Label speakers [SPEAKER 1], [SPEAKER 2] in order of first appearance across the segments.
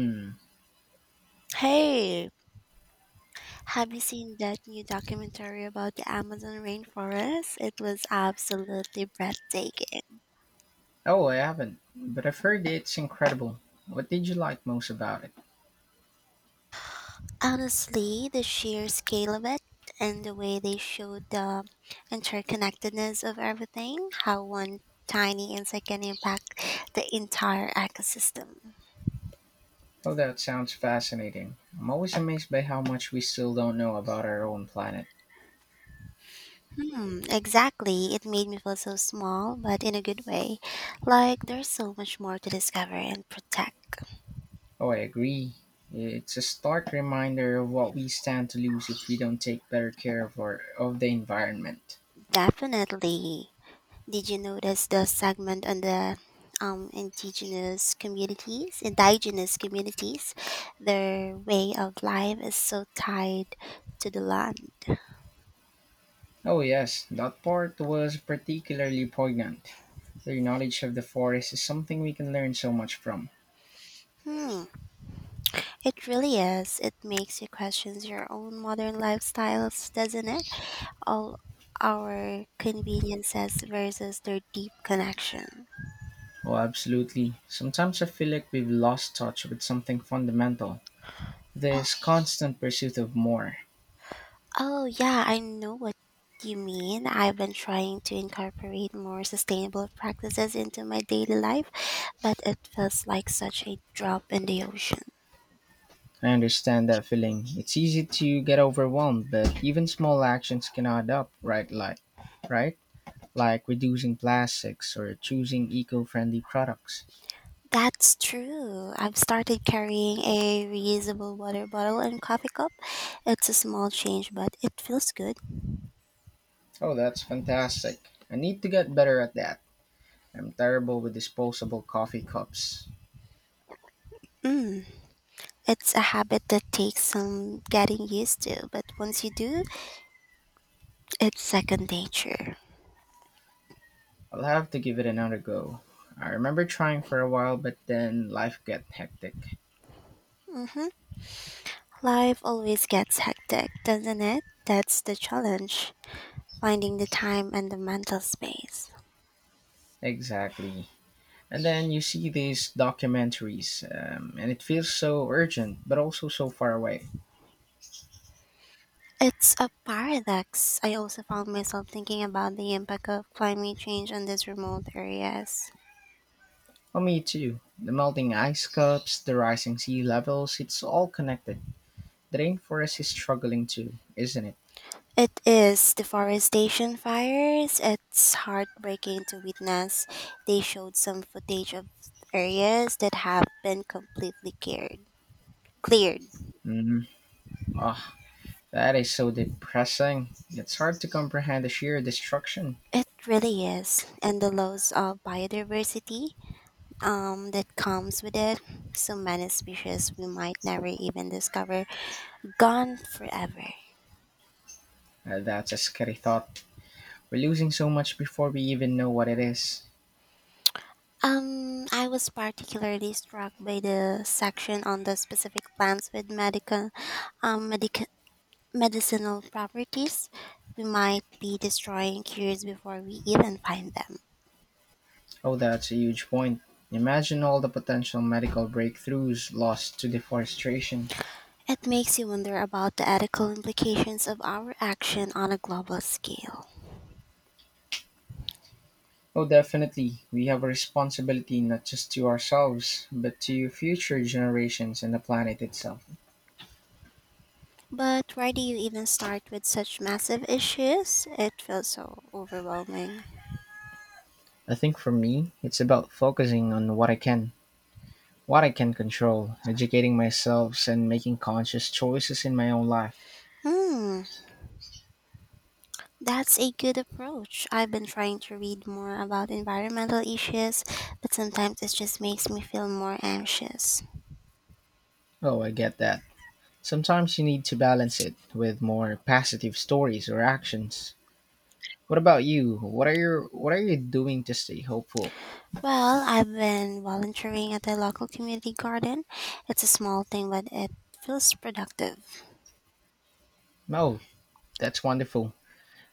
[SPEAKER 1] Hmm.
[SPEAKER 2] Hey, have you seen that new documentary about the Amazon rainforest? It was absolutely breathtaking.
[SPEAKER 1] Oh, I haven't, but I've heard it's incredible. What did you like most about it?
[SPEAKER 2] Honestly, the sheer scale of it and the way they showed the interconnectedness of everything, how one tiny insect can impact the entire ecosystem.
[SPEAKER 1] Oh, that sounds fascinating. I'm always amazed by how much we still don't know about our own planet.
[SPEAKER 2] Hmm, exactly. It made me feel so small, but in a good way. Like there's so much more to discover and protect.
[SPEAKER 1] Oh, I agree. It's a stark reminder of what we stand to lose if we don't take better care of our of the environment.
[SPEAKER 2] Definitely. Did you notice the segment on the indigenous communities? Their way of life is so tied to the land.
[SPEAKER 1] Oh yes, that part was particularly poignant. Their knowledge of the forest is something we can learn so much from.
[SPEAKER 2] Hmm, it really is. It makes you question your own modern lifestyles, doesn't it? All our conveniences versus their deep connection.
[SPEAKER 1] Oh, absolutely. Sometimes I feel like we've lost touch with something fundamental. This constant pursuit of more.
[SPEAKER 2] Oh, yeah, I know what you mean. I've been trying to incorporate more sustainable practices into my daily life, but it feels like such a drop in the ocean.
[SPEAKER 1] I understand that feeling. It's easy to get overwhelmed, but even small actions can add up, right? Right? Like reducing plastics or choosing eco-friendly products.
[SPEAKER 2] That's true. I've started carrying a reusable water bottle and coffee cup. It's a small change, but it feels good.
[SPEAKER 1] Oh, that's fantastic. I need to get better at that. I'm terrible with disposable coffee cups.
[SPEAKER 2] Mm, it's a habit that takes some getting used to, but once you do, it's second nature.
[SPEAKER 1] I'll have to give it another go. I remember trying for a while, but then life got hectic.
[SPEAKER 2] Mm-hmm. Life always gets hectic, doesn't it? That's the challenge, finding the time and the mental space.
[SPEAKER 1] Exactly. And then you see these documentaries, and it feels so urgent, but also so far away.
[SPEAKER 2] It's a paradox. I also found myself thinking about the impact of climate change on these remote areas.
[SPEAKER 1] Oh, me too. The melting ice caps, the rising sea levels, it's all connected. The rainforest is struggling too, isn't it?
[SPEAKER 2] It is deforestation fires. It's heartbreaking to witness. They showed some footage of areas that have been completely cleared. Cleared.
[SPEAKER 1] Mm-hmm. Oh, that is so depressing. It's hard to comprehend the sheer destruction.
[SPEAKER 2] It really is. And the loss of biodiversity that comes with it. So many species we might never even discover gone forever.
[SPEAKER 1] That's a scary thought. We're losing so much before we even know what it is.
[SPEAKER 2] I was particularly struck by the section on the specific plants with um, medic- medicinal properties. We might be destroying cures before we even find them.
[SPEAKER 1] Oh, that's a huge point. Imagine all the potential medical breakthroughs lost to deforestation.
[SPEAKER 2] It makes you wonder about the ethical implications of our action on a global scale.
[SPEAKER 1] Oh, definitely. We have a responsibility not just to ourselves, but to future generations and the planet itself.
[SPEAKER 2] But where do you even start with such massive issues? It feels so overwhelming.
[SPEAKER 1] I think for me, it's about focusing on what I can control, educating myself, and making conscious choices in my own life.
[SPEAKER 2] Hmm. That's a good approach. I've been trying to read more about environmental issues, but sometimes it just makes me feel more anxious.
[SPEAKER 1] Oh, I get that. Sometimes you need to balance it with more positive stories or actions. What about you? What are you doing to stay hopeful?
[SPEAKER 2] Well, I've been volunteering at the local community garden. It's a small thing, but it feels productive.
[SPEAKER 1] Oh, that's wonderful.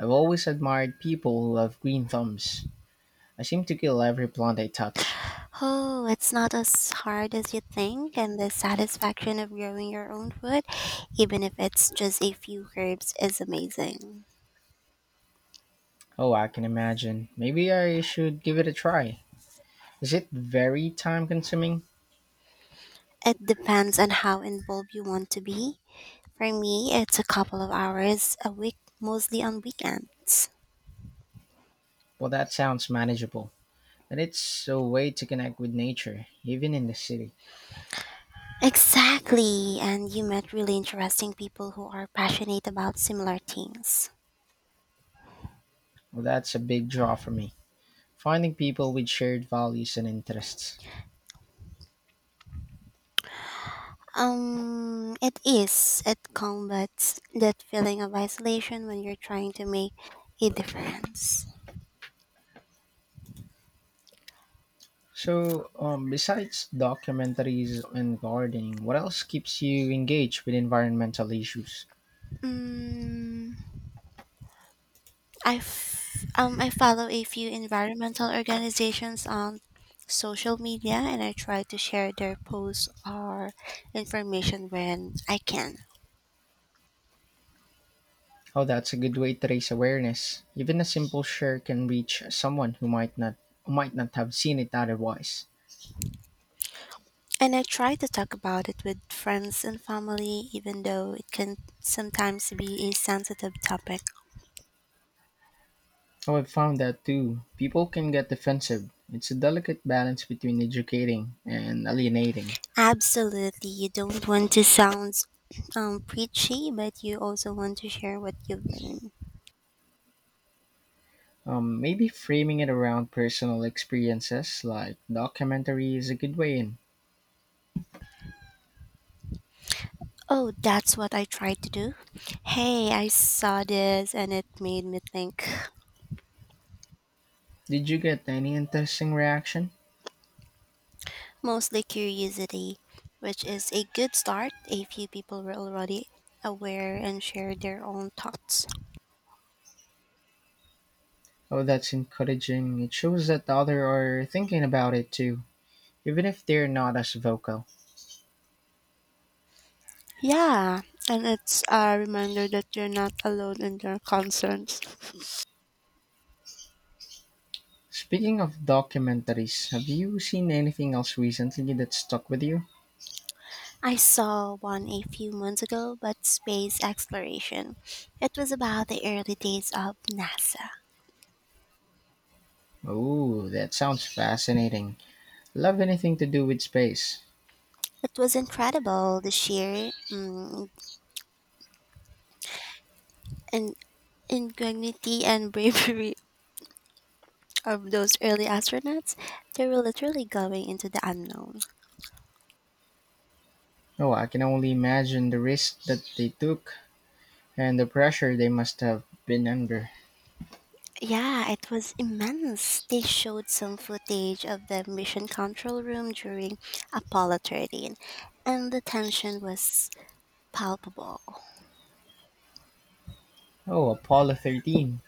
[SPEAKER 1] I've always admired people who have green thumbs. I seem to kill every plant I touch.
[SPEAKER 2] Oh, it's not as hard as you think, and the satisfaction of growing your own food, even if it's just a few herbs, is amazing.
[SPEAKER 1] Oh, I can imagine. Maybe I should give it a try. Is it very time consuming?
[SPEAKER 2] It depends on how involved you want to be. For me, it's a couple of hours a week, mostly on weekends.
[SPEAKER 1] Well, that sounds manageable. But it's a way to connect with nature, even in the city.
[SPEAKER 2] Exactly, and you met really interesting people who are passionate about similar things.
[SPEAKER 1] Well, that's a big draw for me. Finding people with shared values and interests.
[SPEAKER 2] It is. It combats that feeling of isolation when you're trying to make a difference.
[SPEAKER 1] So, besides documentaries and gardening, what else keeps you engaged with environmental issues?
[SPEAKER 2] Mm, I follow a few environmental organizations on social media and I try to share their posts or information when I can.
[SPEAKER 1] Oh, that's a good way to raise awareness. Even a simple share can reach someone who might not have seen it otherwise.
[SPEAKER 2] And I try to talk about it with friends and family, even though it can sometimes be a sensitive topic.
[SPEAKER 1] Oh, I've found that too. People can get defensive. It's a delicate balance between educating and alienating.
[SPEAKER 2] Absolutely, you don't want to sound preachy, but you also want to share what you've learned.
[SPEAKER 1] Maybe framing it around personal experiences like documentary is a good way in.
[SPEAKER 2] Oh, that's what I tried to do. Hey, I saw this and it made me think.
[SPEAKER 1] Did you get any interesting reaction?
[SPEAKER 2] Mostly curiosity, which is a good start. A few people were already aware and shared their own thoughts.
[SPEAKER 1] Oh, that's encouraging. It shows that others are thinking about it too, even if they're not as vocal.
[SPEAKER 2] Yeah, and it's a reminder that you're not alone in your concerns.
[SPEAKER 1] Speaking of documentaries, have you seen anything else recently that stuck with you?
[SPEAKER 2] I saw one a few months ago about space exploration. It was about the early days of NASA.
[SPEAKER 1] Oh, that sounds fascinating. Love anything to do with space.
[SPEAKER 2] It was incredible, the sheer in- ingenuity and bravery of those early astronauts. They were literally going into the unknown.
[SPEAKER 1] Oh, I can only imagine the risk that they took and the pressure they must have been under.
[SPEAKER 2] Yeah, it was immense. They showed some footage of the mission control room during Apollo 13, and the tension was palpable.
[SPEAKER 1] Oh, Apollo 13.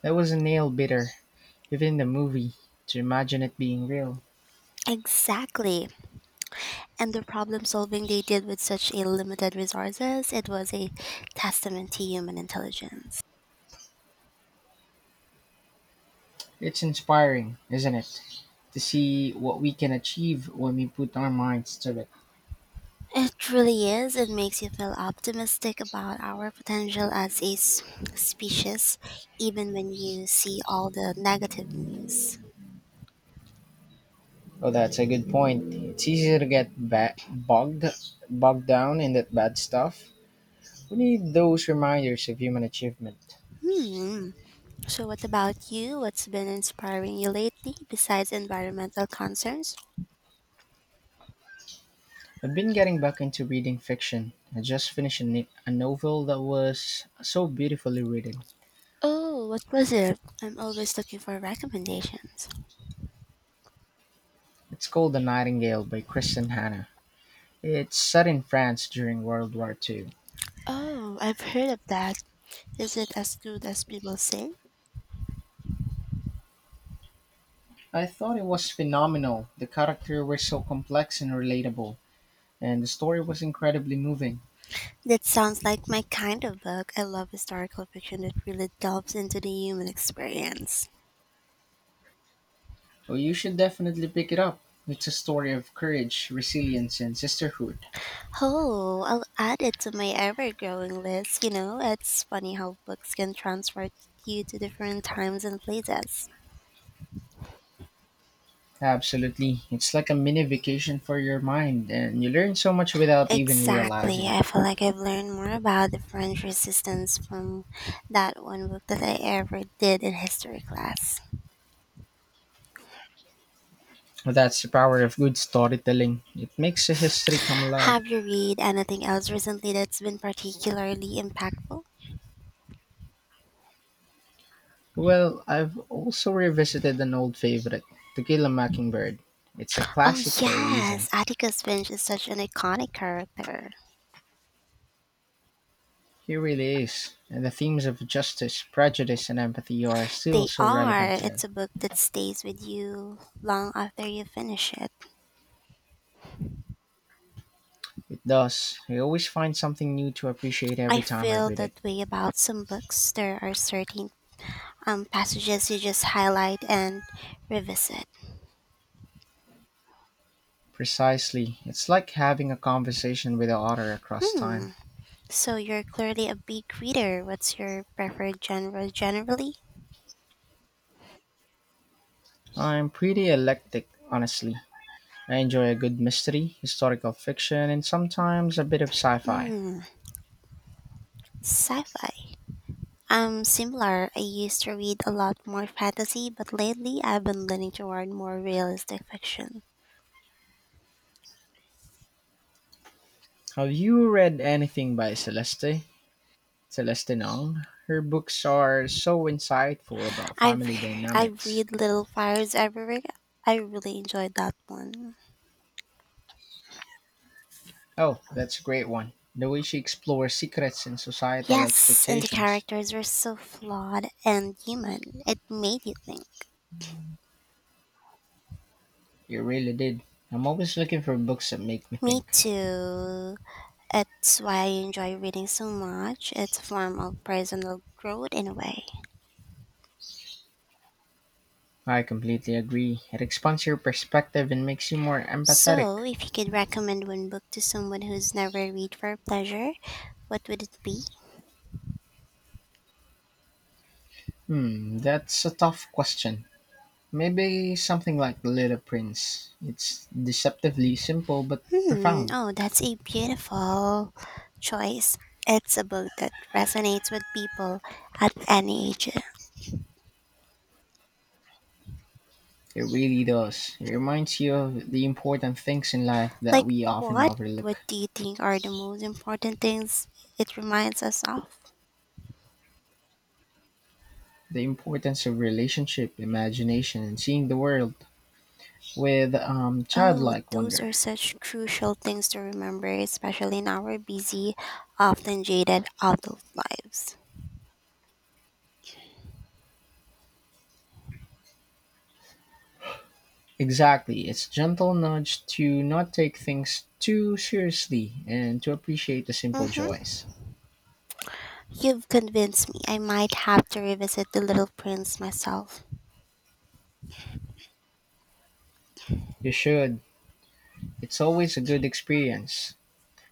[SPEAKER 1] That was a nail biter, even the movie, to imagine it being real.
[SPEAKER 2] Exactly. And the problem solving they did with such a limited resources, it was a testament to human intelligence.
[SPEAKER 1] It's inspiring, isn't it? To see what we can achieve when we put our minds to it.
[SPEAKER 2] It really is. It makes you feel optimistic about our potential as a species, even when you see all the negative news.
[SPEAKER 1] Oh, that's a good point. It's easier to get bogged down in that bad stuff. We need those reminders of human achievement.
[SPEAKER 2] Hmm. So, what about you? What's been inspiring you lately besides environmental concerns?
[SPEAKER 1] I've been getting back into reading fiction. I just finished a novel that was so beautifully written.
[SPEAKER 2] Oh, what was it? I'm always looking for recommendations.
[SPEAKER 1] It's called The Nightingale by Kristen Hanna. It's set in France during World War II.
[SPEAKER 2] Oh, I've heard of that. Is it as good as people say?
[SPEAKER 1] I thought it was phenomenal. The characters were so complex and relatable, and the story was incredibly moving.
[SPEAKER 2] That sounds like my kind of book. I love historical fiction that really delves into the human experience.
[SPEAKER 1] Oh, you should definitely pick it up. It's a story of courage, resilience, and sisterhood.
[SPEAKER 2] Oh, I'll add it to my ever growing list. You know, it's funny how books can transport you to different times and places.
[SPEAKER 1] Absolutely. It's like a mini vacation for your mind, and you learn so much without even
[SPEAKER 2] Exactly.
[SPEAKER 1] realizing it.
[SPEAKER 2] I feel like I've learned more about the French resistance from that one book that I ever did in history class.
[SPEAKER 1] That's the power of good storytelling. It makes a history come alive.
[SPEAKER 2] Have you read anything else recently that's been particularly impactful?
[SPEAKER 1] Well, I've also revisited an old favorite, To Kill a Mockingbird. It's a
[SPEAKER 2] Oh,
[SPEAKER 1] classic for a reason.
[SPEAKER 2] yes. Atticus Finch is such an iconic character.
[SPEAKER 1] It really is. And the themes of justice, prejudice, and empathy are still
[SPEAKER 2] They
[SPEAKER 1] so
[SPEAKER 2] are.
[SPEAKER 1] relevant
[SPEAKER 2] It's
[SPEAKER 1] today.
[SPEAKER 2] a book that stays with you long after you finish it.
[SPEAKER 1] It does. I always find something new to appreciate
[SPEAKER 2] I
[SPEAKER 1] every time I
[SPEAKER 2] feel
[SPEAKER 1] read
[SPEAKER 2] that
[SPEAKER 1] it.
[SPEAKER 2] way about some books. There are certain passages you just highlight and revisit.
[SPEAKER 1] Precisely. It's like having a conversation with the author across
[SPEAKER 2] Hmm.
[SPEAKER 1] time.
[SPEAKER 2] So you're clearly a big reader. What's your preferred genre generally?
[SPEAKER 1] I'm pretty eclectic, honestly. I enjoy a good mystery, historical fiction, and sometimes a bit of sci fi.
[SPEAKER 2] Mm, sci-fi. I'm similar. I used to read a lot more fantasy, but lately I've been leaning toward more realistic fiction.
[SPEAKER 1] Have you read anything by Celeste? Celeste Nong? Her books are so insightful about
[SPEAKER 2] I've
[SPEAKER 1] family
[SPEAKER 2] I
[SPEAKER 1] dynamics.
[SPEAKER 2] read Little Fires Everywhere. I really enjoyed that one.
[SPEAKER 1] Oh, that's a great one. The way she explores secrets and societal
[SPEAKER 2] Yes, and the
[SPEAKER 1] expectations.
[SPEAKER 2] characters were so flawed and human. It made you think.
[SPEAKER 1] You really did. I'm always looking for books that make me
[SPEAKER 2] Me
[SPEAKER 1] think.
[SPEAKER 2] too. It's why I enjoy reading so much. It's a form of personal growth in a way.
[SPEAKER 1] I completely agree. It expands your perspective and makes you more empathetic.
[SPEAKER 2] So, if you could recommend one book to someone who's never read for pleasure, what would it be?
[SPEAKER 1] Hmm, that's a tough question. Maybe something like The Little Prince. It's deceptively simple but
[SPEAKER 2] Hmm,
[SPEAKER 1] profound.
[SPEAKER 2] oh, that's a beautiful choice. It's a book that resonates with people at any age.
[SPEAKER 1] It really does. It reminds you of the important things in life that
[SPEAKER 2] Like,
[SPEAKER 1] we often
[SPEAKER 2] what? What
[SPEAKER 1] overlook.
[SPEAKER 2] do you think are the most important things it reminds us of?
[SPEAKER 1] The importance of relationship, imagination, and seeing the world with
[SPEAKER 2] Oh,
[SPEAKER 1] childlike
[SPEAKER 2] those
[SPEAKER 1] wonder.
[SPEAKER 2] are such crucial things to remember, especially in our busy, often jaded adult lives.
[SPEAKER 1] Exactly, it's gentle nudge to not take things too seriously and to appreciate the simple
[SPEAKER 2] Mm-hmm.
[SPEAKER 1] joys.
[SPEAKER 2] You've convinced me I might have to revisit The Little Prince myself.
[SPEAKER 1] You should. It's always a good experience.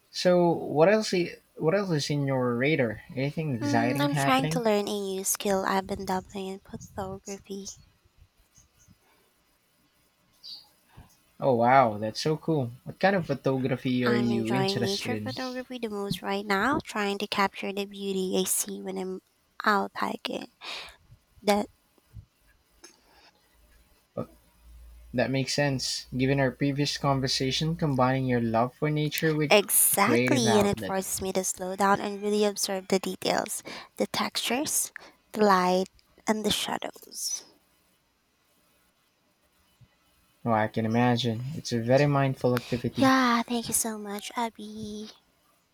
[SPEAKER 1] So, what else is in your radar? Anything
[SPEAKER 2] Mm,
[SPEAKER 1] exciting
[SPEAKER 2] I'm trying to
[SPEAKER 1] happening?
[SPEAKER 2] learn a new skill. I've been dabbling in photography.
[SPEAKER 1] Oh wow, that's so cool. What kind of photography are
[SPEAKER 2] I'm
[SPEAKER 1] you
[SPEAKER 2] enjoying
[SPEAKER 1] interested
[SPEAKER 2] nature
[SPEAKER 1] in?
[SPEAKER 2] photography the most right now, trying to capture the beauty I see when I'm out hiking. That—
[SPEAKER 1] Well, that makes sense. Given our previous conversation, combining your love for nature with a creative
[SPEAKER 2] exactly, and it
[SPEAKER 1] outlet.
[SPEAKER 2] forces me to slow down and really observe the details, the textures, the light, and the shadows.
[SPEAKER 1] Oh, I can imagine. It's a very mindful activity.
[SPEAKER 2] Yeah, thank you so much, Abby.